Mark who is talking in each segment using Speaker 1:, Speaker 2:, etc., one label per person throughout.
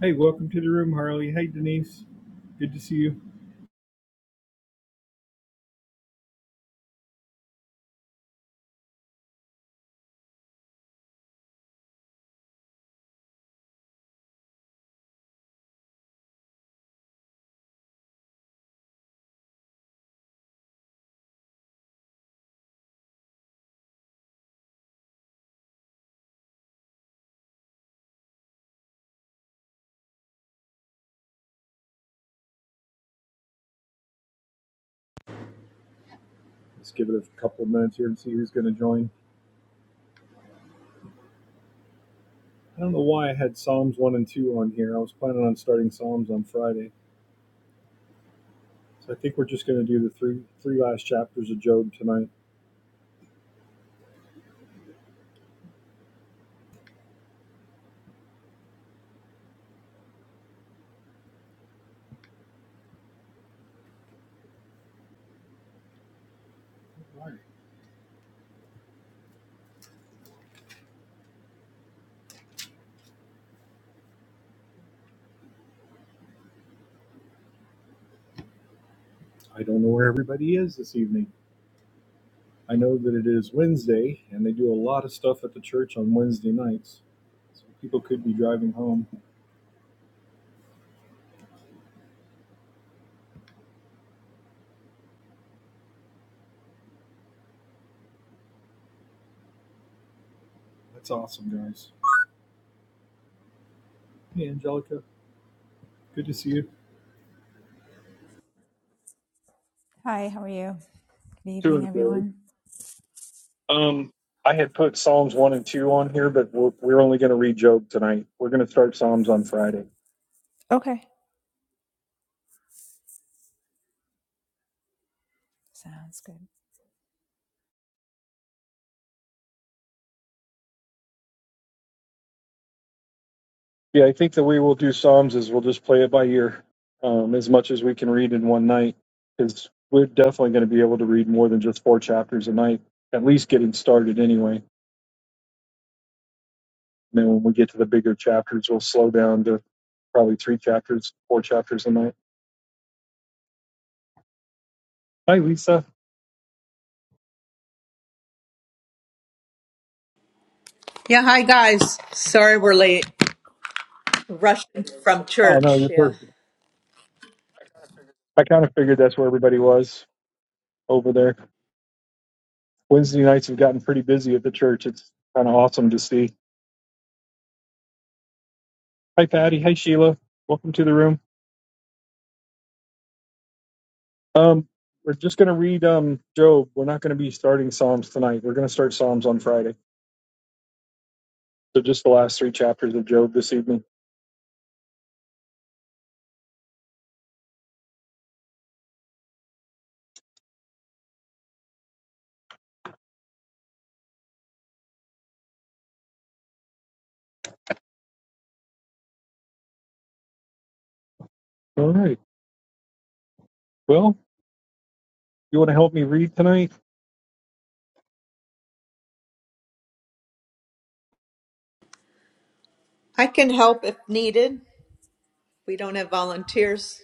Speaker 1: Hey, welcome to the room, Harley. Hey, Denise. Good to see you. Let's give it a couple of minutes here and see who's going to join. I don't know why I had Psalms 1 and 2 on here. I was planning on starting Psalms on Friday. So I think we're just going to do the three three last chapters of Job tonight. I don't know where everybody is this evening. I know that it is Wednesday, and they do a lot of stuff at the church on Wednesday nights. So people could be driving home. That's awesome, guys. Hey, Angelica. Good to see you.
Speaker 2: Hi, how are you? Good evening,
Speaker 1: Doing good.
Speaker 2: everyone.
Speaker 1: Um, I had put Psalms one and two on here, but we're, we're only going to read Job tonight. We're going to start Psalms on Friday.
Speaker 2: Okay. Sounds good.
Speaker 1: Yeah, I think the way we'll do Psalms is we'll just play it by ear, um, as much as we can read in one night, because we're definitely going to be able to read more than just four chapters a night, at least getting started anyway. And then when we get to the bigger chapters, we'll slow down to probably three chapters, four chapters a night. Hi, Lisa.
Speaker 3: Yeah, hi guys. Sorry we're late. Rushing from
Speaker 1: Oh no,
Speaker 3: church.
Speaker 1: you're
Speaker 3: Yeah.
Speaker 1: perfect. I kind of figured that's where everybody was over there. Wednesday nights have gotten pretty busy at the church. It's kind of awesome to see. Hi, Patty. Hi, Sheila. Welcome to the room. Um, we're just going to read um, Job. We're not going to be starting Psalms tonight. We're going to start Psalms on Friday. So just the last three chapters of Job this evening. All right. Well, you want to help me read tonight?
Speaker 3: I can help if needed. We don't have volunteers.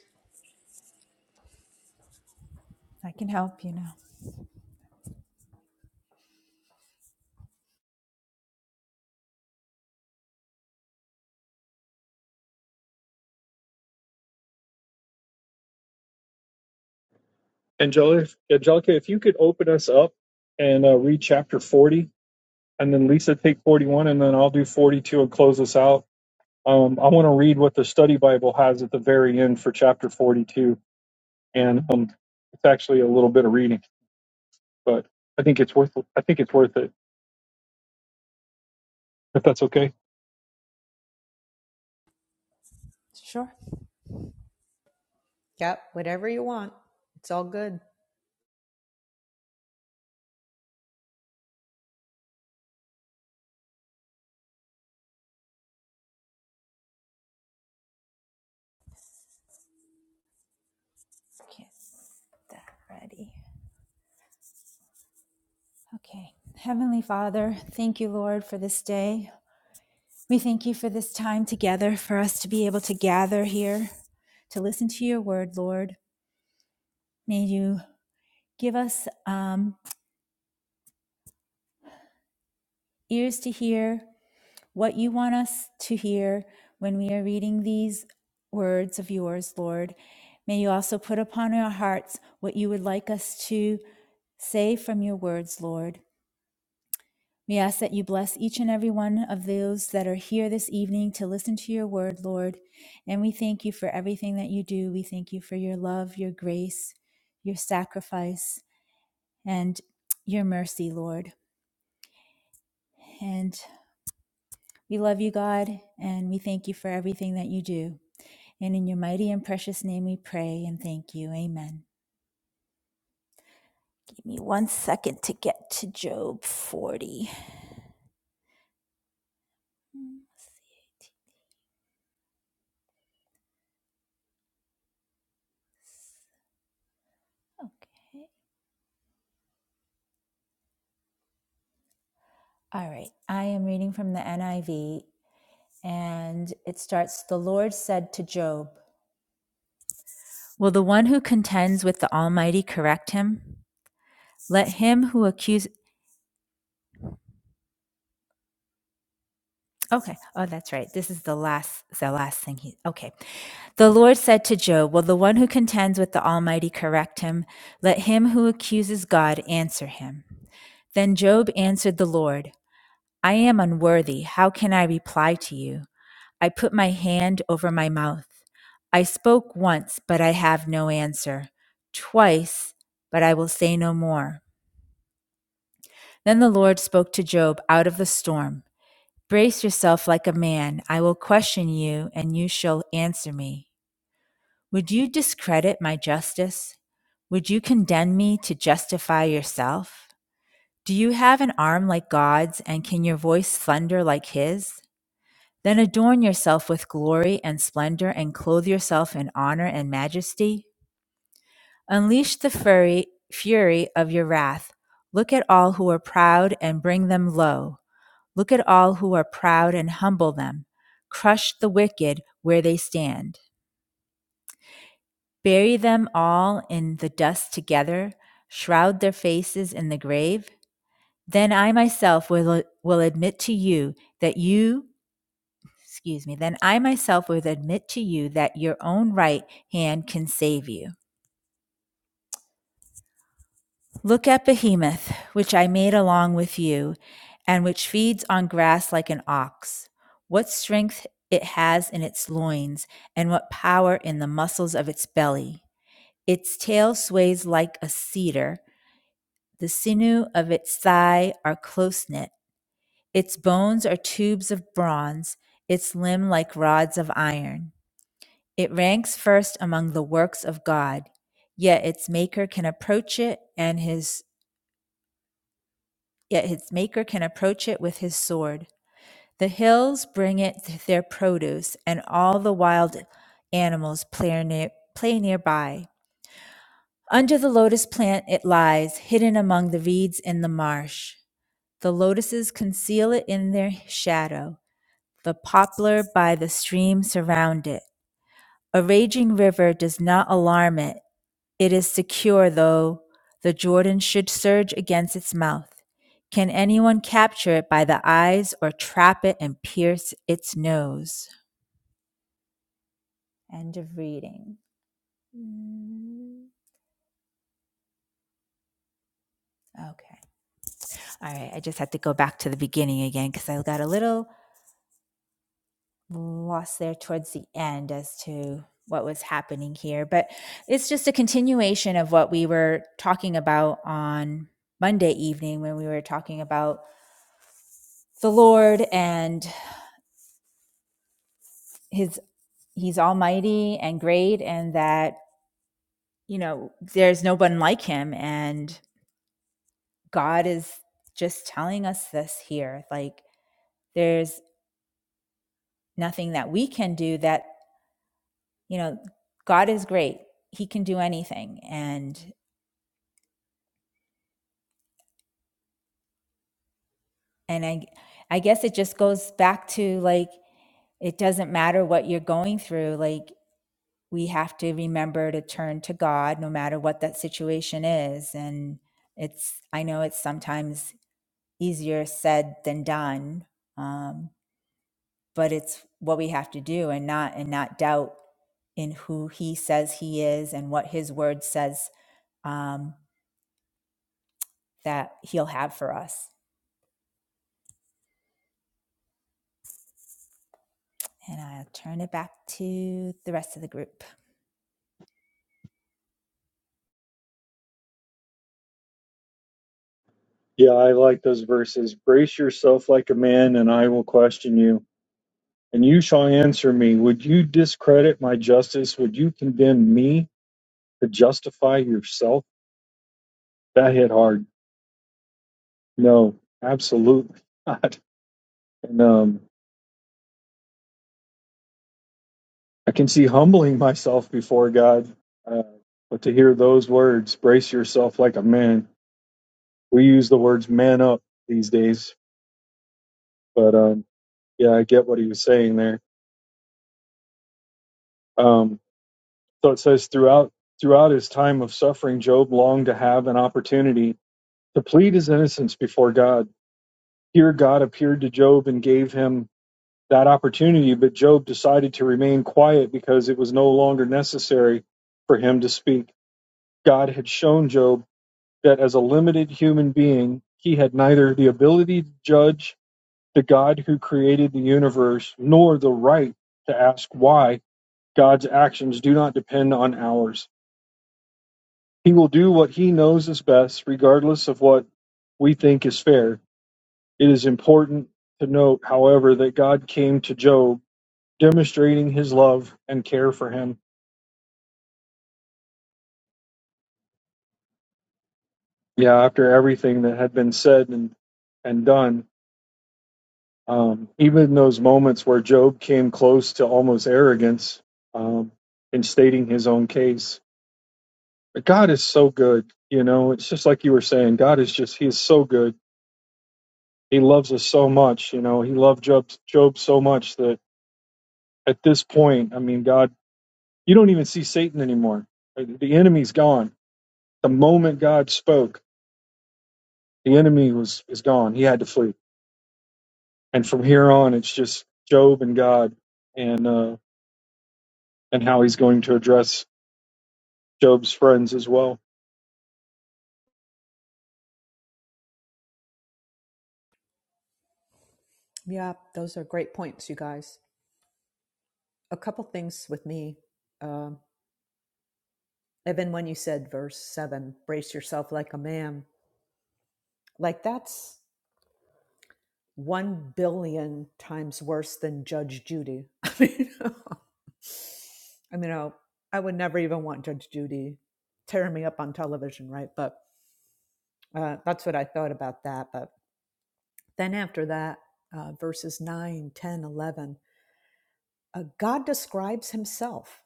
Speaker 2: I can help you now.
Speaker 1: Angela, if you could open us up and uh, read chapter 40, and then Lisa take 41, and then I'll do 42 and close us out. Um, I want to read what the study Bible has at the very end for chapter 42. And um, it's actually reading, but I think it's worth I think it's worth it if that's okay.
Speaker 2: Sure.
Speaker 3: Yep, whatever you want. It's all good.
Speaker 2: Get that ready. Okay. Heavenly Father, thank you, Lord, for this day. We thank you for this time together, for us to be able to gather here to listen to your word, Lord. May you give us um, ears to hear, what you want us to hear when we are reading these words of yours, Lord. May you also put upon our hearts what you would like us to say from your words, Lord. We ask that you bless each and every one of those that are here this evening to listen to your word, Lord. And we thank you for everything that you do. We thank you for your love, your grace, your sacrifice, and your mercy, Lord. And we love you, God, and we thank you for everything that you do. And in your mighty and precious name we pray and thank you. Amen. Give me one second to get to Job 40. Mm, Okay. All right. I am reading from the NIV and it starts The Lord said to Job, Will the one who contends with the Almighty correct him? Let him who accuses Okay. Oh, that's right. This is the last the last thing he Okay. The Lord said to Job, "Will the one who contends with the Almighty correct him? Let him who accuses God answer him." Then Job answered the Lord, "I am unworthy. How can I reply to you? I put my hand over my mouth. I spoke once, but I have no answer. Twice, but I will say no more." Then the Lord spoke to Job out of the storm. Brace yourself like a man. I will question you, and you shall answer me. Would you discredit my justice? Would you condemn me to justify yourself? Do you have an arm like God's, and can your voice thunder like his? Then adorn yourself with glory and splendor, and clothe yourself in honor and majesty. Unleash the fury, fury of your wrath. Look at all who are proud and bring them low. Look at all who are proud and humble them. Crush the wicked where they stand. Bury them all in the dust together. Shroud their faces in the grave. Then I myself will, will admit to you that you, excuse me, then I myself will admit to you that your own right hand can save you. Look at Behemoth, which I made along with you, and which feeds on grass like an ox. What strength it has in its loins, and what power in the muscles of its belly. Its tail sways like a cedar. The sinew of its thigh are close knit. Its bones are tubes of bronze, its limb like rods of iron. It ranks first among the works of God, yet its maker can approach it and his yet its maker can approach it with his sword. The hills bring it their produce, and all the wild animals play, near, play nearby. Under the lotus plant it lies, hidden among the reeds in the marsh. The lotuses conceal it in their shadow. The poplar by the stream surround it. A raging river does not alarm it. It is secure, though the Jordan should surge against its mouth. Can anyone capture it by the eyes or trap it and pierce its nose? End of reading. Mm, Okay. All right. I just had to go back to the beginning again because I got a little lost there towards the end as to what was happening here. But it's just a continuation of what we were talking about on Monday evening when we were talking about the Lord and his he's almighty and great and that you know there's no one like him and god is just telling us this here like there's nothing that we can do that you know god is great he can do anything and and i i guess it just goes back to like it doesn't matter what you're going through like we have to remember to turn to god no matter what that situation is and it's i know it's sometimes easier said than done um, but it's what we have to do and not and not doubt in who he says he is and what his word says um, that he'll have for us and i'll turn it back to the rest of the group
Speaker 1: Yeah, I like those verses. Brace yourself like a man, and I will question you, and you shall answer me. Would you discredit my justice? Would you condemn me to justify yourself? That hit hard. No, absolutely not. And um, I can see humbling myself before God. Uh, but to hear those words, brace yourself like a man. We use the words man up these days, but um, yeah, I get what he meant. Um, So it says throughout throughout his time of suffering, Job longed to have an opportunity to plead his innocence before God. Here God appeared to Job and gave him that opportunity, but Job decided to remain quiet because it was no longer necessary for him to speak. God had shown Job that as a limited human being, he had neither the ability to judge the God who created the universe nor the right to ask why God's actions do not depend on ours. He will do what he knows is best, regardless of what we think is fair. It is important to note, however, that God came to Job, demonstrating his love and care for him. Yeah, after everything that had been said and, and done, um, even in those moments where Job came close to almost arrogance um, in stating his own case. But God is so good. You know, it's just like you were saying, God is just, he is so good. He loves us so much. You know, he loved Job, Job so much that. at this point, I mean, God, you don't even see Satan anymore. Uh, The enemy's gone. The moment God spoke, the enemy was is gone. He had to flee. And from here on, it's just Job and God, and uh, and how he's going to address Job's friends as well.
Speaker 3: Yeah, those are great points, you guys. A couple things with me. Um, even when you said verse seven, brace yourself like a man, like that's one billion times worse than Judge Judy. I mean, I mean, I I would never even want Judge Judy tearing me up on television, right? But Uh, that's what I thought about that. But then after that, uh, verses 9, 10, 11, uh, God describes himself.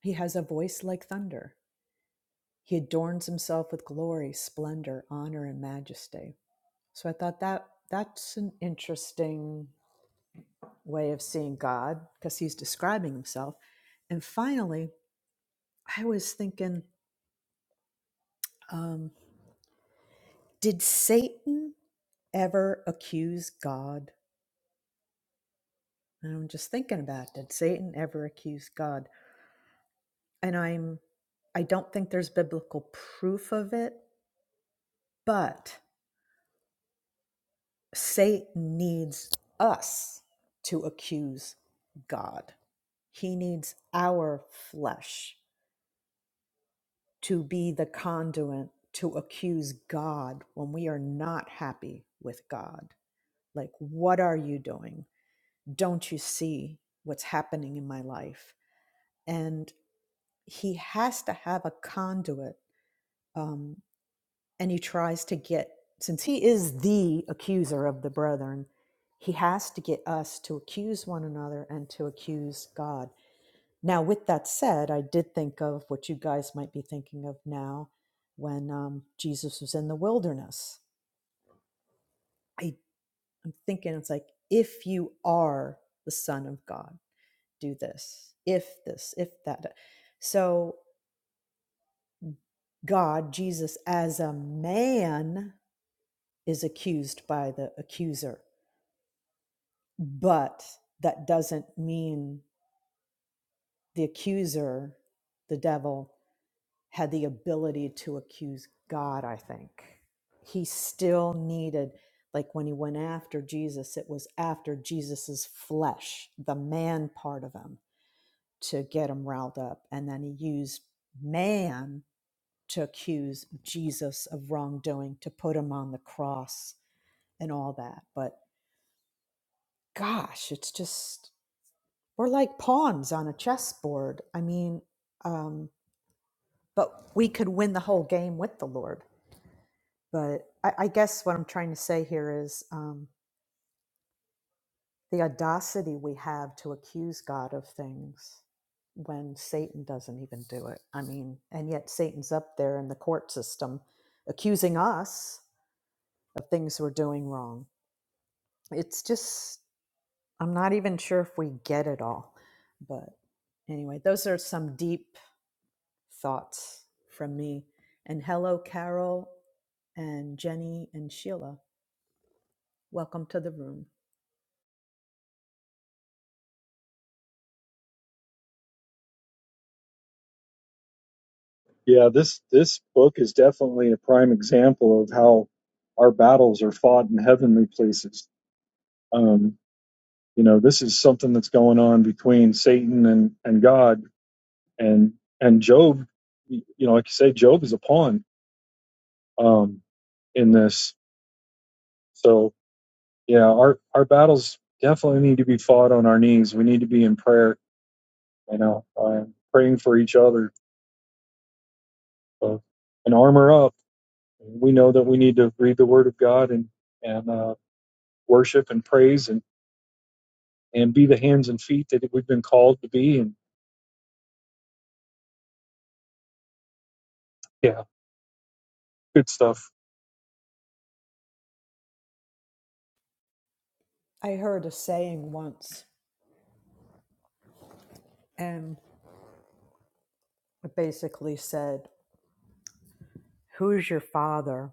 Speaker 3: He has a voice like thunder. He adorns himself with glory, splendor, honor, and majesty. So I thought that that's an interesting way of seeing God because he's describing himself. And finally, I was thinking, um, did Satan ever accuse God? And I'm just thinking about did Satan ever accuse God? and I'm I don't think there's biblical proof of it, but Satan needs us to accuse God. He needs our flesh to be the conduit to accuse God when we are not happy with God. Like, what are you doing? Don't you see what's happening in my life? And he has to have a conduit. um, and he tries to get since he is the accuser of the brethren he has to get us to accuse one another and to accuse god now with that said i did think of what you guys might be thinking of now when um, jesus was in the wilderness I, i'm thinking it's like if you are the son of god do this if this if that so god jesus as a man is accused by the accuser But that doesn't mean the accuser, the devil, had the ability to accuse God, I think. He still needed, like when he went after Jesus, it was after Jesus's flesh, the man part of him, to get him riled up. And then he used man to accuse Jesus of wrongdoing, to put him on the cross and all that. But gosh, it's just we're like pawns on a chessboard. I mean, um, but we could win the whole game with the Lord. But I, I guess what I'm trying to say here is um, the audacity we have to accuse God of things when Satan doesn't even do it. I mean, and yet Satan's up there in the court system accusing us of things we're doing wrong. It's just, I'm not even sure if we get it all. But anyway, those are some deep thoughts from me. And hello, Carol and Jenny and Sheila. Welcome to the room.
Speaker 1: Yeah, this this book is definitely a prime example of how our battles are fought in heavenly places. Um, you know, this is something that's going on between Satan and and God and and Job, you know, like you say, Job is a pawn um, in this. So yeah, our our battles definitely need to be fought on our knees. We need to be in prayer, you know, uh, praying for each other uh, and armor up. We know that we need to read the Word of God and and uh, worship and praise and and be the hands and feet that we've been called to be. And yeah, good stuff.
Speaker 3: I heard a saying once, and it basically said, Who's your father?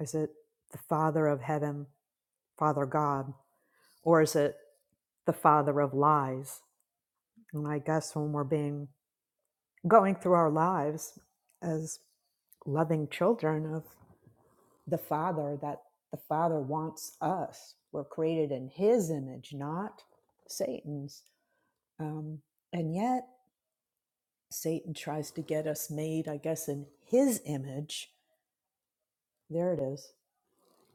Speaker 3: Is it the father of heaven, Father God, or is it the father of lies? And I guess when we're being going through our lives as loving children of. the Father that the Father wants us. We're created in His image, not Satan's. Um, and yet, Satan tries to get us made, I guess, in His image. There it is,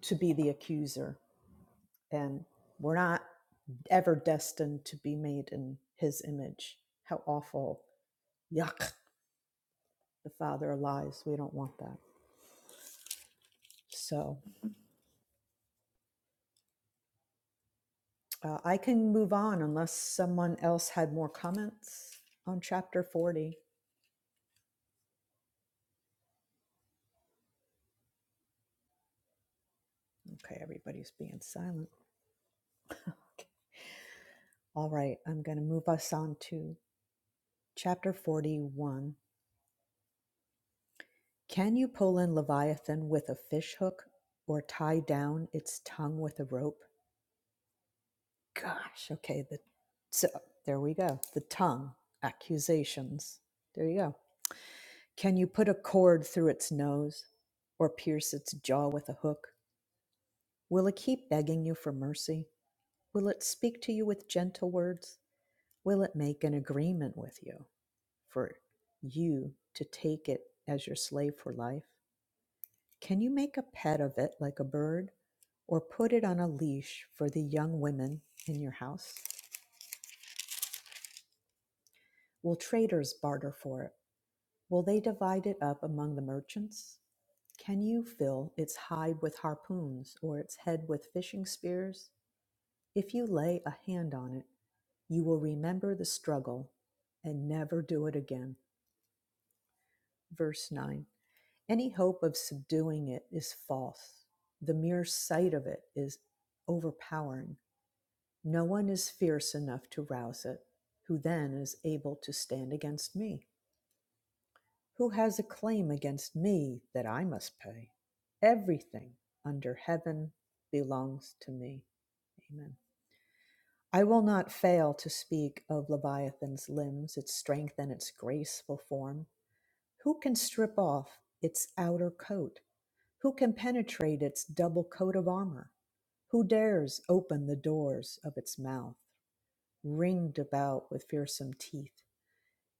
Speaker 3: to be the accuser. And we're not ever destined to be made in His image. How awful. Yuck. The Father lies. We don't want that. So uh, I can move on unless someone else had more comments on chapter 40. Okay, everybody's being silent. All right, I'm going to move us on to chapter 41. Can you pull in Leviathan with a fish hook or tie down its tongue with a rope? Gosh, okay, the so there we go. The tongue accusations. There you go. Can you put a cord through its nose or pierce its jaw with a hook? Will it keep begging you for mercy? Will it speak to you with gentle words? Will it make an agreement with you? for you to take it as your slave for life? Can you make a pet of it like a bird or put it on a leash for the young women in your house? Will traders barter for it? Will they divide it up among the merchants? Can you fill its hide with harpoons or its head with fishing spears? If you lay a hand on it, you will remember the struggle and never do it again. Verse 9. Any hope of subduing it is false. The mere sight of it is overpowering. No one is fierce enough to rouse it. Who then is able to stand against me? Who has a claim against me that I must pay? Everything under heaven belongs to me. Amen. I will not fail to speak of Leviathan's limbs, its strength, and its graceful form. Who can strip off its outer coat? Who can penetrate its double coat of armor? Who dares open the doors of its mouth, ringed about with fearsome teeth?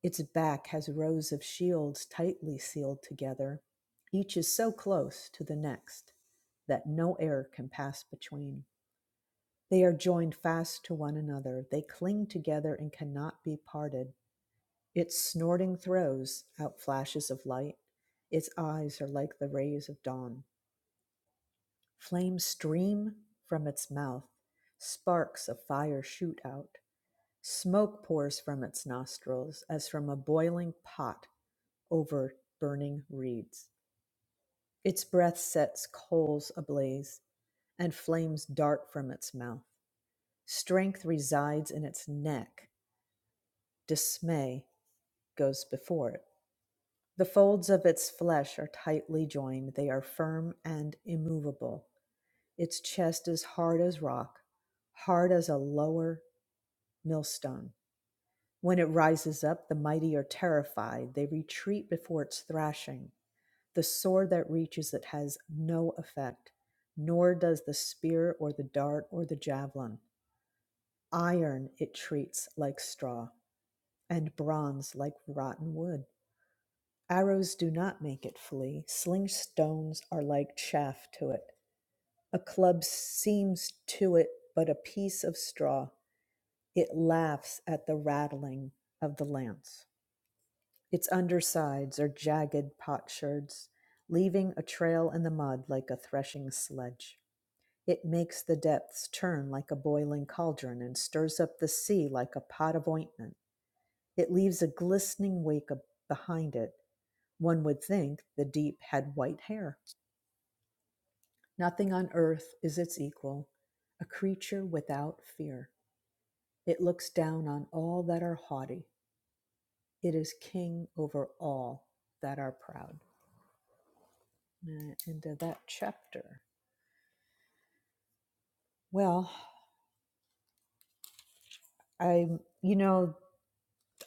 Speaker 3: Its back has rows of shields tightly sealed together. Each is so close to the next that no air can pass between. They are joined fast to one another. They cling together and cannot be parted. Its snorting throws out flashes of light. Its eyes are like the rays of dawn. Flames stream from its mouth, sparks of fire shoot out. Smoke pours from its nostrils as from a boiling pot over burning reeds. Its breath sets coals ablaze, and flames dart from its mouth. Strength resides in its neck, dismay goes before it. The folds of its flesh are tightly joined, they are firm and immovable. Its chest is hard as rock, hard as a lower millstone. When it rises up, the mighty are terrified. They retreat before its thrashing. The sword that reaches it has no effect, nor does the spear or the dart or the javelin. Iron it treats like straw, and bronze like rotten wood. Arrows do not make it flee. Sling stones are like chaff to it. A club seems to it but a piece of straw. It laughs at the rattling of the lance. Its undersides are jagged potsherds, leaving a trail in the mud like a threshing sledge. It makes the depths turn like a boiling cauldron and stirs up the sea like a pot of ointment. It leaves a glistening wake behind it. One would think the deep had white hair. Nothing on earth is its equal, a creature without fear. It looks down on all that are haughty It is king over all that are proud. Uh, End of that chapter. Well, I, you know,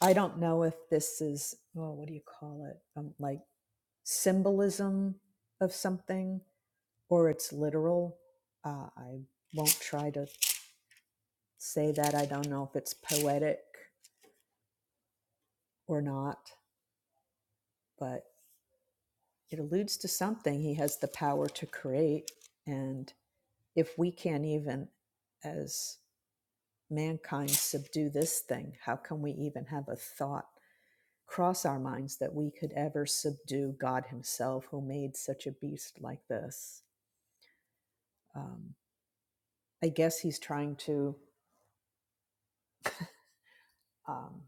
Speaker 3: I don't know if this is, oh, what do you call it? Um, like symbolism of something or it's literal. Uh, I won't try to say that. I don't know if it's poetic or not, but it alludes to something. He has the power to create. And if we can't even, as mankind subdue this thing? How can we even have a thought cross our minds that we could ever subdue God Himself, who made such a beast like this? Um, I guess He's trying to um,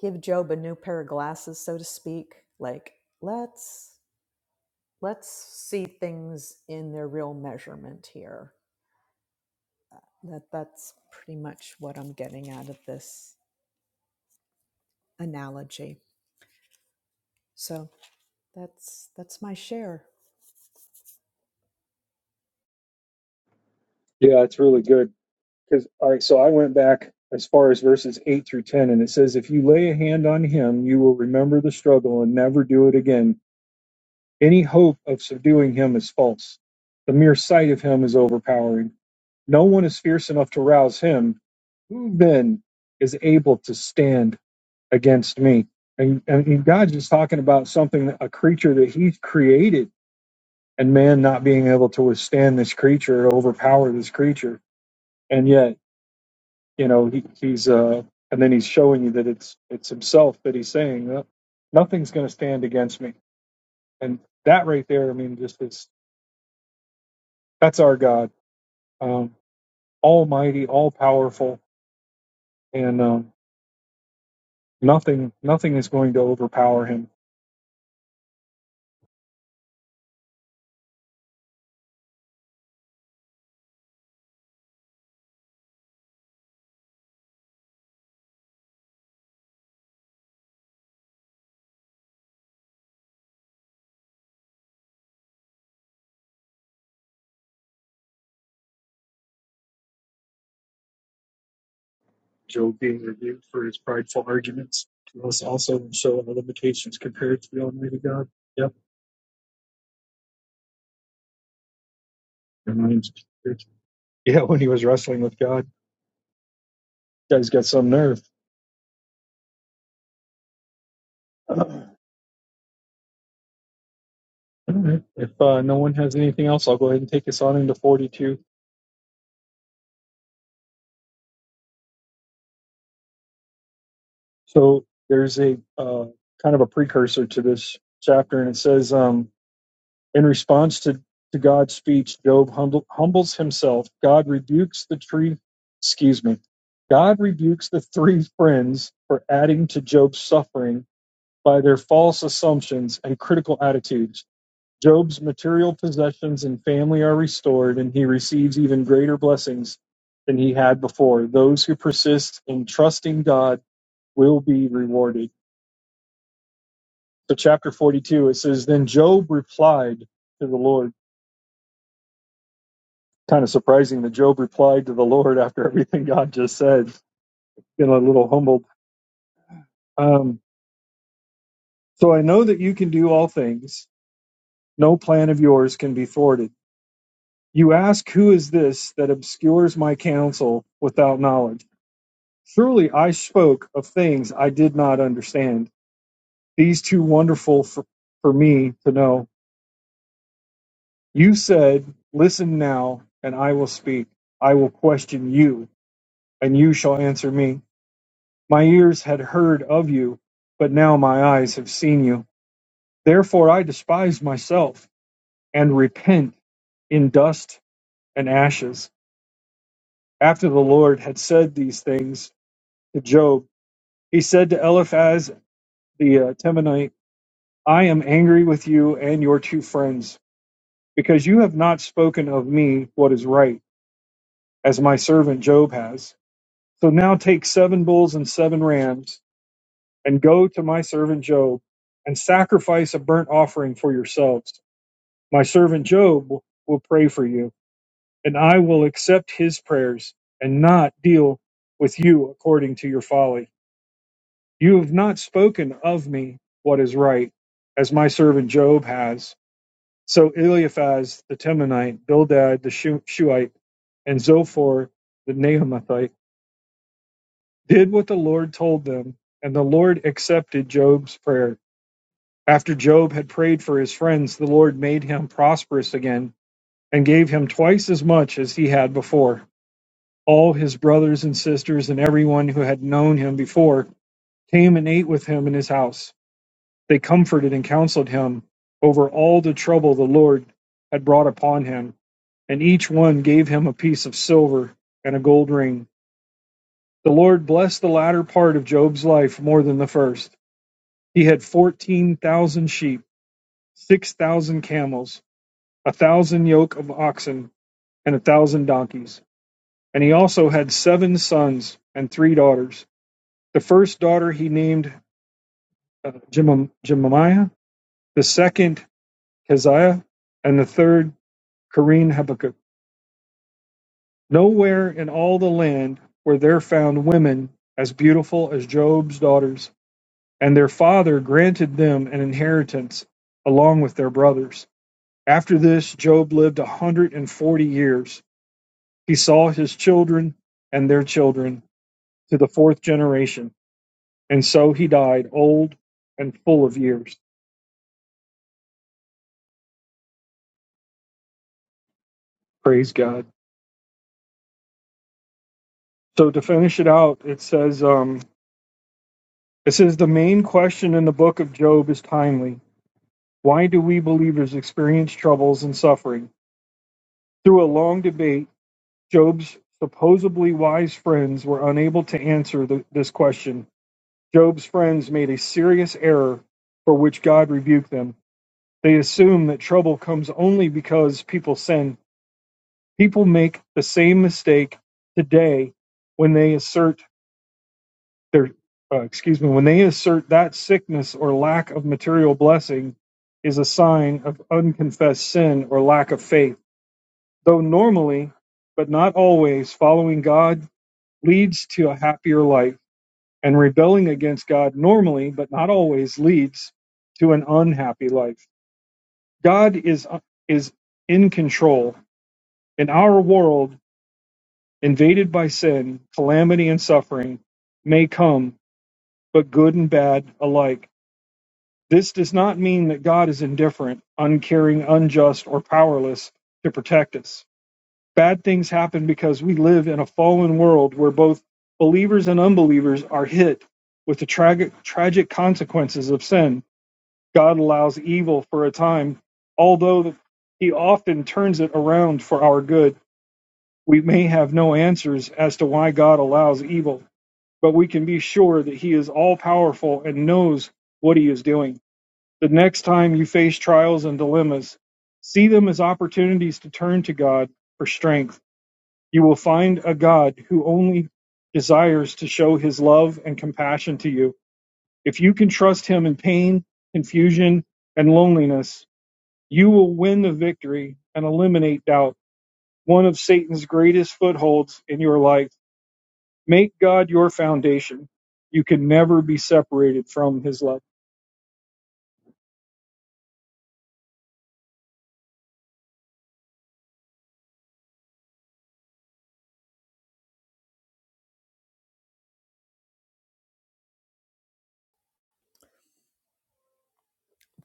Speaker 3: give Job a new pair of glasses, so to speak. Like let's let's see things in their real measurement here. That that's pretty much what I'm getting out of this analogy. So that's that's my share.
Speaker 1: Yeah, it's really good. Because all right, so I went back as far as verses eight through ten, and it says, "If you lay a hand on him, you will remember the struggle and never do it again. Any hope of subduing him is false. The mere sight of him is overpowering. No one is fierce enough to rouse him. Who then is able to stand against me?" And, and God's just talking about something, a creature that He's created, and man not being able to withstand this creature, overpower this creature, and yet. you know he, he's uh and then he's showing you that it's it's himself that he's saying "No- nothing's going to stand against me and that right there i mean just is that's our god um almighty all powerful and um nothing nothing is going to overpower him job being rebuked for his prideful arguments to us also show our limitations compared to the almighty god yep reminds me. yeah when he was wrestling with god guy's got some nerve All right. If uh, no one has anything else, I'll go ahead and take us on into 42. So there's a uh, kind of a precursor to this chapter, and it says, um, in response to, to God's speech, Job humble, humbles himself. God rebukes the tree, excuse me, God rebukes the three friends for adding to Job's suffering by their false assumptions and critical attitudes. Job's material possessions and family are restored, and he receives even greater blessings than he had before. Those who persist in trusting God will be rewarded. So, chapter 42, it says, Then Job replied to the Lord. Kind of surprising that Job replied to the Lord after everything God just said. Been a little humbled. Um, so, I know that you can do all things, no plan of yours can be thwarted. You ask, Who is this that obscures my counsel without knowledge? Surely I spoke of things I did not understand, these too wonderful for, for me to know. You said, Listen now, and I will speak. I will question you, and you shall answer me. My ears had heard of you, but now my eyes have seen you. Therefore, I despise myself and repent in dust and ashes. After the Lord had said these things to Job, he said to Eliphaz the uh, Temanite, I am angry with you and your two friends, because you have not spoken of me what is right, as my servant Job has. So now take seven bulls and seven rams, and go to my servant Job, and sacrifice a burnt offering for yourselves. My servant Job will pray for you, and I will accept his prayers, and not deal with you according to your folly. You have not spoken of me what is right, as my servant Job has. So Eliphaz the Temanite, Bildad the Shuhite, and Zophar the Naamathite did what the Lord told them, and the Lord accepted Job's prayer. After Job had prayed for his friends, the Lord made him prosperous again and gave him twice as much as he had before. All his brothers and sisters and everyone who had known him before came and ate with him in his house. They comforted and counseled him over all the trouble the Lord had brought upon him, and each one gave him a piece of silver and a gold ring. The Lord blessed the latter part of Job's life more than the first. He had 14,000 sheep, 6,000 camels, a thousand yoke of oxen, and a thousand donkeys. And he also had seven sons and three daughters. The first daughter he named uh, Jemimiah, the second, Keziah, and the third Corrine Habakkuk. Nowhere in all the land were there found women as beautiful as Job's daughters, and their father granted them an inheritance along with their brothers. After this, Job lived a 140 years. He saw his children and their children to the fourth generation, and so he died old and full of years. Praise God. So to finish it out, it says, um, it says the main question in the book of Job is timely Why do we believers experience troubles and suffering? Through a long debate, Job's supposedly wise friends were unable to answer the, this question. Job's friends made a serious error for which God rebuked them. They assume that trouble comes only because people sin. People make the same mistake today when they assert their uh, excuse me when they assert that sickness or lack of material blessing is a sign of unconfessed sin or lack of faith though normally, but not always, following God leads to a happier life, and rebelling against God normally, but not always, leads to an unhappy life. God is uh, is in control. In our world, invaded by sin, calamity and suffering may come, but good and bad alike. This does not mean that God is indifferent, uncaring, unjust, or powerless to protect us. Bad things happen because we live in a fallen world where both believers and unbelievers are hit with the tragic, tragic consequences of sin. God allows evil for a time, although He often turns it around for our good. We may have no answers as to why God allows evil, but we can be sure that He is all powerful and knows what He is doing. The next time you face trials and dilemmas, see them as opportunities to turn to God for strength you will find a God who only desires to show his love and compassion to you. If you can trust him in pain, confusion, and loneliness, you will win the victory and eliminate doubt, one of Satan's greatest footholds in your life. Make God your foundation. You can never be separated from his love.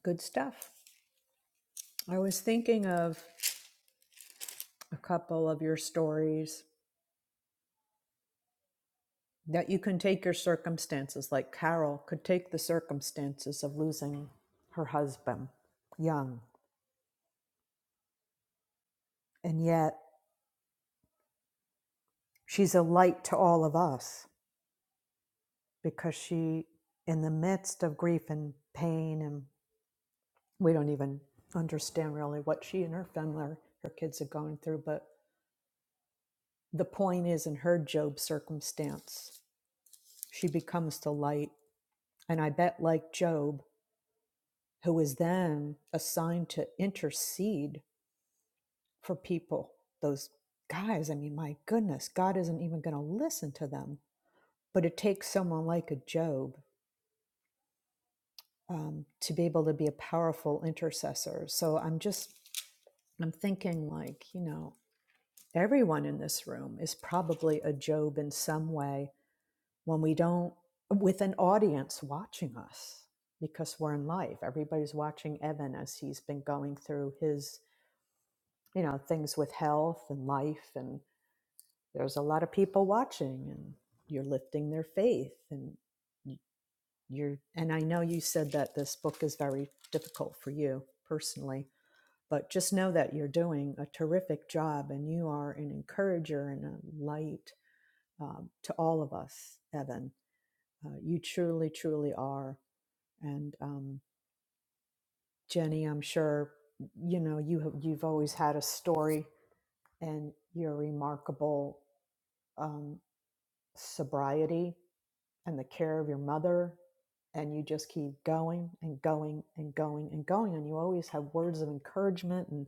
Speaker 3: Good stuff. I was thinking of a couple of your stories that you can take your circumstances, like Carol could take the circumstances of losing her husband young, and yet she's a light to all of us because she, in the midst of grief and pain, and we don't even understand really what she and her family, or her kids are going through, but the point is, in her Job circumstance, she becomes the light. And I bet, like Job, who is then assigned to intercede for people. Those guys, I mean, my goodness, God isn't even going to listen to them. But it takes someone like a Job um, to be able to be a powerful intercessor. So I'm just, I'm thinking like, you know, everyone in this room is probably a Job in some way when we don't, with an audience watching us because we're in live. Everybody's watching Evan as he's been going through his you know things with health and life and there's a lot of people watching and you're lifting their faith and y- you're and i know you said that this book is very difficult for you personally but just know that you're doing a terrific job and you are an encourager and a light um, to all of us evan uh, you truly truly are and um, jenny i'm sure you know you have, you've always had a story and your remarkable um, sobriety and the care of your mother and you just keep going and going and going and going and you always have words of encouragement and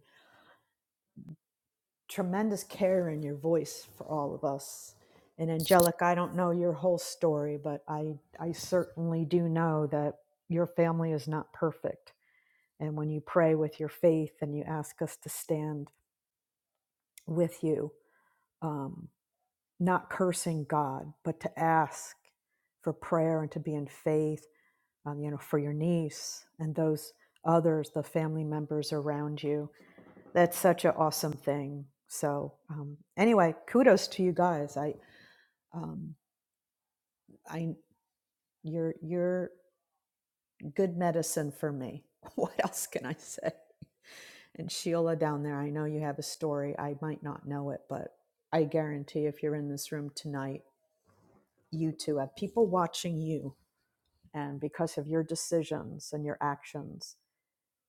Speaker 3: tremendous care in your voice for all of us and angelic i don't know your whole story but i i certainly do know that your family is not perfect and when you pray with your faith and you ask us to stand with you um, not cursing god but to ask for prayer and to be in faith um, you know, for your niece and those others, the family members around you. That's such an awesome thing. So um, anyway, kudos to you guys. I, um, I, you're you're good medicine for me. What else can I say? And Sheila down there, I know you have a story. I might not know it, but I guarantee if you're in this room tonight, you too have people watching you. And because of your decisions and your actions,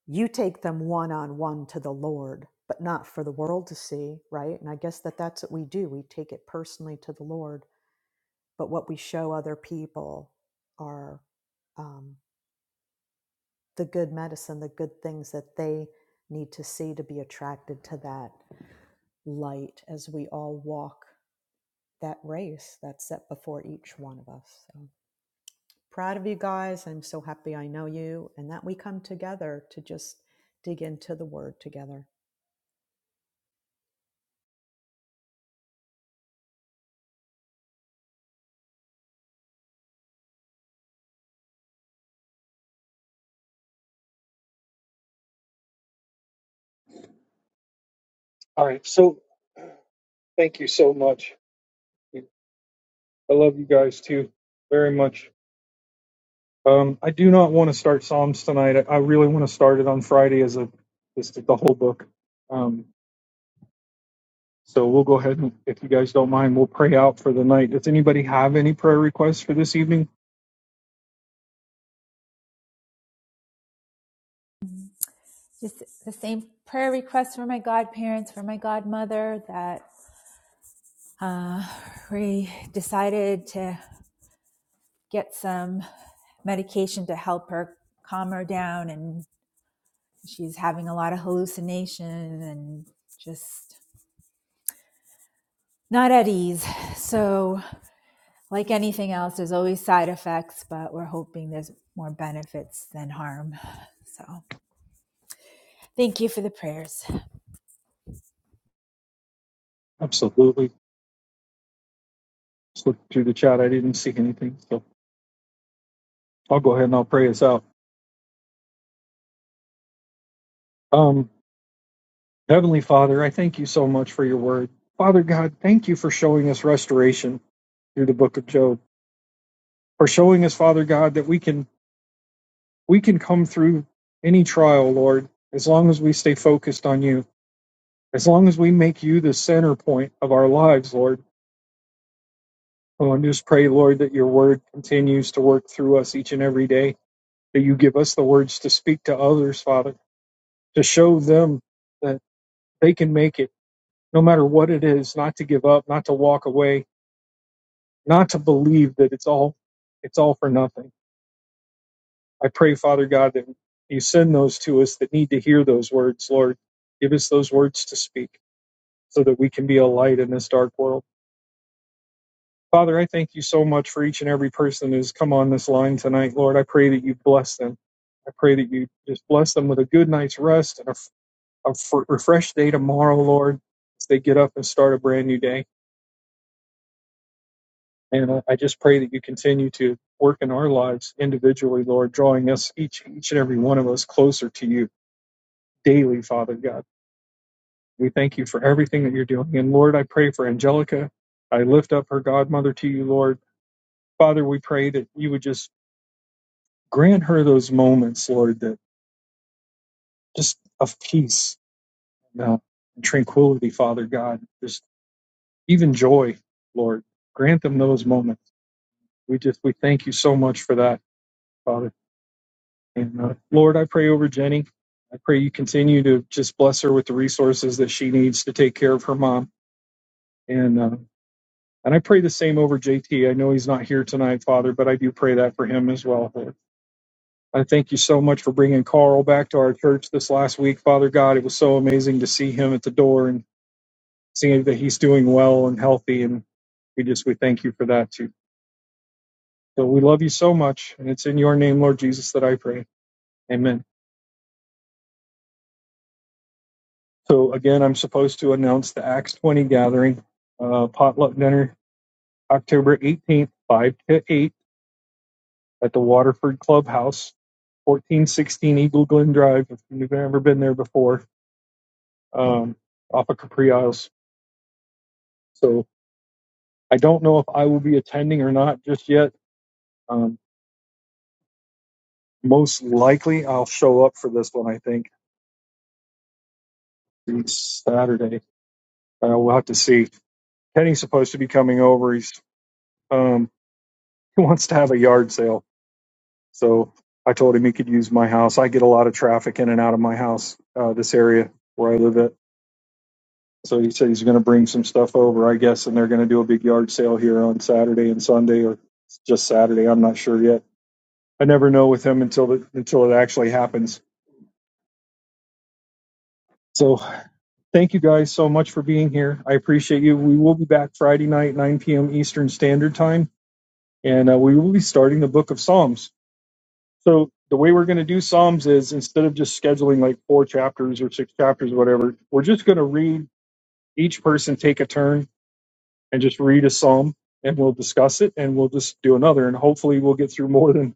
Speaker 3: you take them one on one to the Lord, but not for the world to see, right? And I guess that that's what we do. We take it personally to the Lord, but what we show other people are um, the good medicine, the good things that they need to see to be attracted to that light as we all walk that race that's set before each one of us. So proud of you guys. I'm so happy I know you and that we come together to just dig into the word together.
Speaker 1: All right. So thank you so much. I love you guys too very much. Um, I do not want to start Psalms tonight. I, I really want to start it on Friday as a just the whole book. Um, so we'll go ahead and, if you guys don't mind, we'll pray out for the night. Does anybody have any prayer requests for this evening?
Speaker 2: Just the same prayer request for my godparents, for my godmother that uh, we decided to get some medication to help her calm her down and she's having a lot of hallucinations and just not at ease. So, like anything else, there's always side effects, but we're hoping there's more benefits than harm. So, thank you for the prayers.
Speaker 1: Absolutely. Just look through the chat. I didn't see anything, so I'll go ahead and I'll pray us out. Um, Heavenly Father, I thank you so much for your word. Father God, thank you for showing us restoration through the book of Job, for showing us, Father God, that we can We can come through any trial, Lord, as long as we stay focused on you, as long as we make you the center point of our lives, Lord. Oh, and just pray, Lord, that your word continues to work through us each and every day, that you give us the words to speak to others, Father, to show them that they can make it, no matter what it is, not to give up, not to walk away, not to believe that it's all it's all for nothing. I pray, Father God, that you send those to us that need to hear those words, Lord. Give us those words to speak. so that we can be a light in this dark world. Father, I thank you so much for each and every person who's come on this line tonight. Lord, I pray that you bless them. I pray that you just bless them with a good night's rest and a a refreshed day tomorrow, Lord, as they get up and start a brand new day. And uh, I just pray that you continue to work in our lives individually, Lord, drawing us each each and every one of us closer to you daily, Father God. We thank you for everything that you're doing. And Lord, I pray for Angelica. I lift up her godmother to you, Lord. Father, we pray that you would just grant her those moments, Lord, that just of peace uh, and tranquility, Father God, just even joy, Lord. Grant them those moments. We just we thank you so much for that, Father. And uh, Lord, I pray over Jenny. I pray you continue to just bless her with the resources that she needs to take care of her mom. And uh, and I pray the same over JT. I know he's not here tonight, Father, but I do pray that for him as well. Lord. I thank you so much for bringing Carl back to our church this last week, Father God. It was so amazing to see him at the door and seeing that he's doing well and healthy. And we just, we thank you for that too. So we love you so much. And it's in your name, Lord Jesus, that I pray. Amen. So again, I'm supposed to announce the Acts 20 gathering, uh, potluck dinner, October 18th, 5 to 8 at the Waterford Clubhouse, 1416 Eagle Glen Drive. If you've ever been there before, um, off of Capri Isles. So I don't know if I will be attending or not just yet. Um, most likely, I'll show up for this one. I think Saturday. Uh, we'll have to see. Kenny's supposed to be coming over. He's um, he wants to have a yard sale, so I told him he could use my house. I get a lot of traffic in and out of my house, uh, this area where I live at. So he said he's going to bring some stuff over, I guess, and they're going to do a big yard sale here on Saturday and Sunday, or just Saturday. I'm not sure yet. I never know with him until the, until it actually happens. So Thank you guys so much for being here. I appreciate you. We will be back Friday night, 9 p.m. Eastern Standard Time, and uh, we will be starting the book of Psalms. So, the way we're going to do Psalms is instead of just scheduling like four chapters or six chapters or whatever, we're just going to read each person take a turn and just read a Psalm and we'll discuss it and we'll just do another. And hopefully, we'll get through more than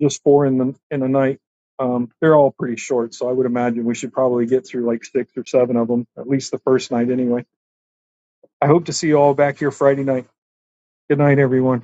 Speaker 1: just four in the, in a night. Um, they're all pretty short, so I would imagine we should probably get through like six or seven of them, at least the first night anyway I hope to see you all back here Friday night. Good night, everyone.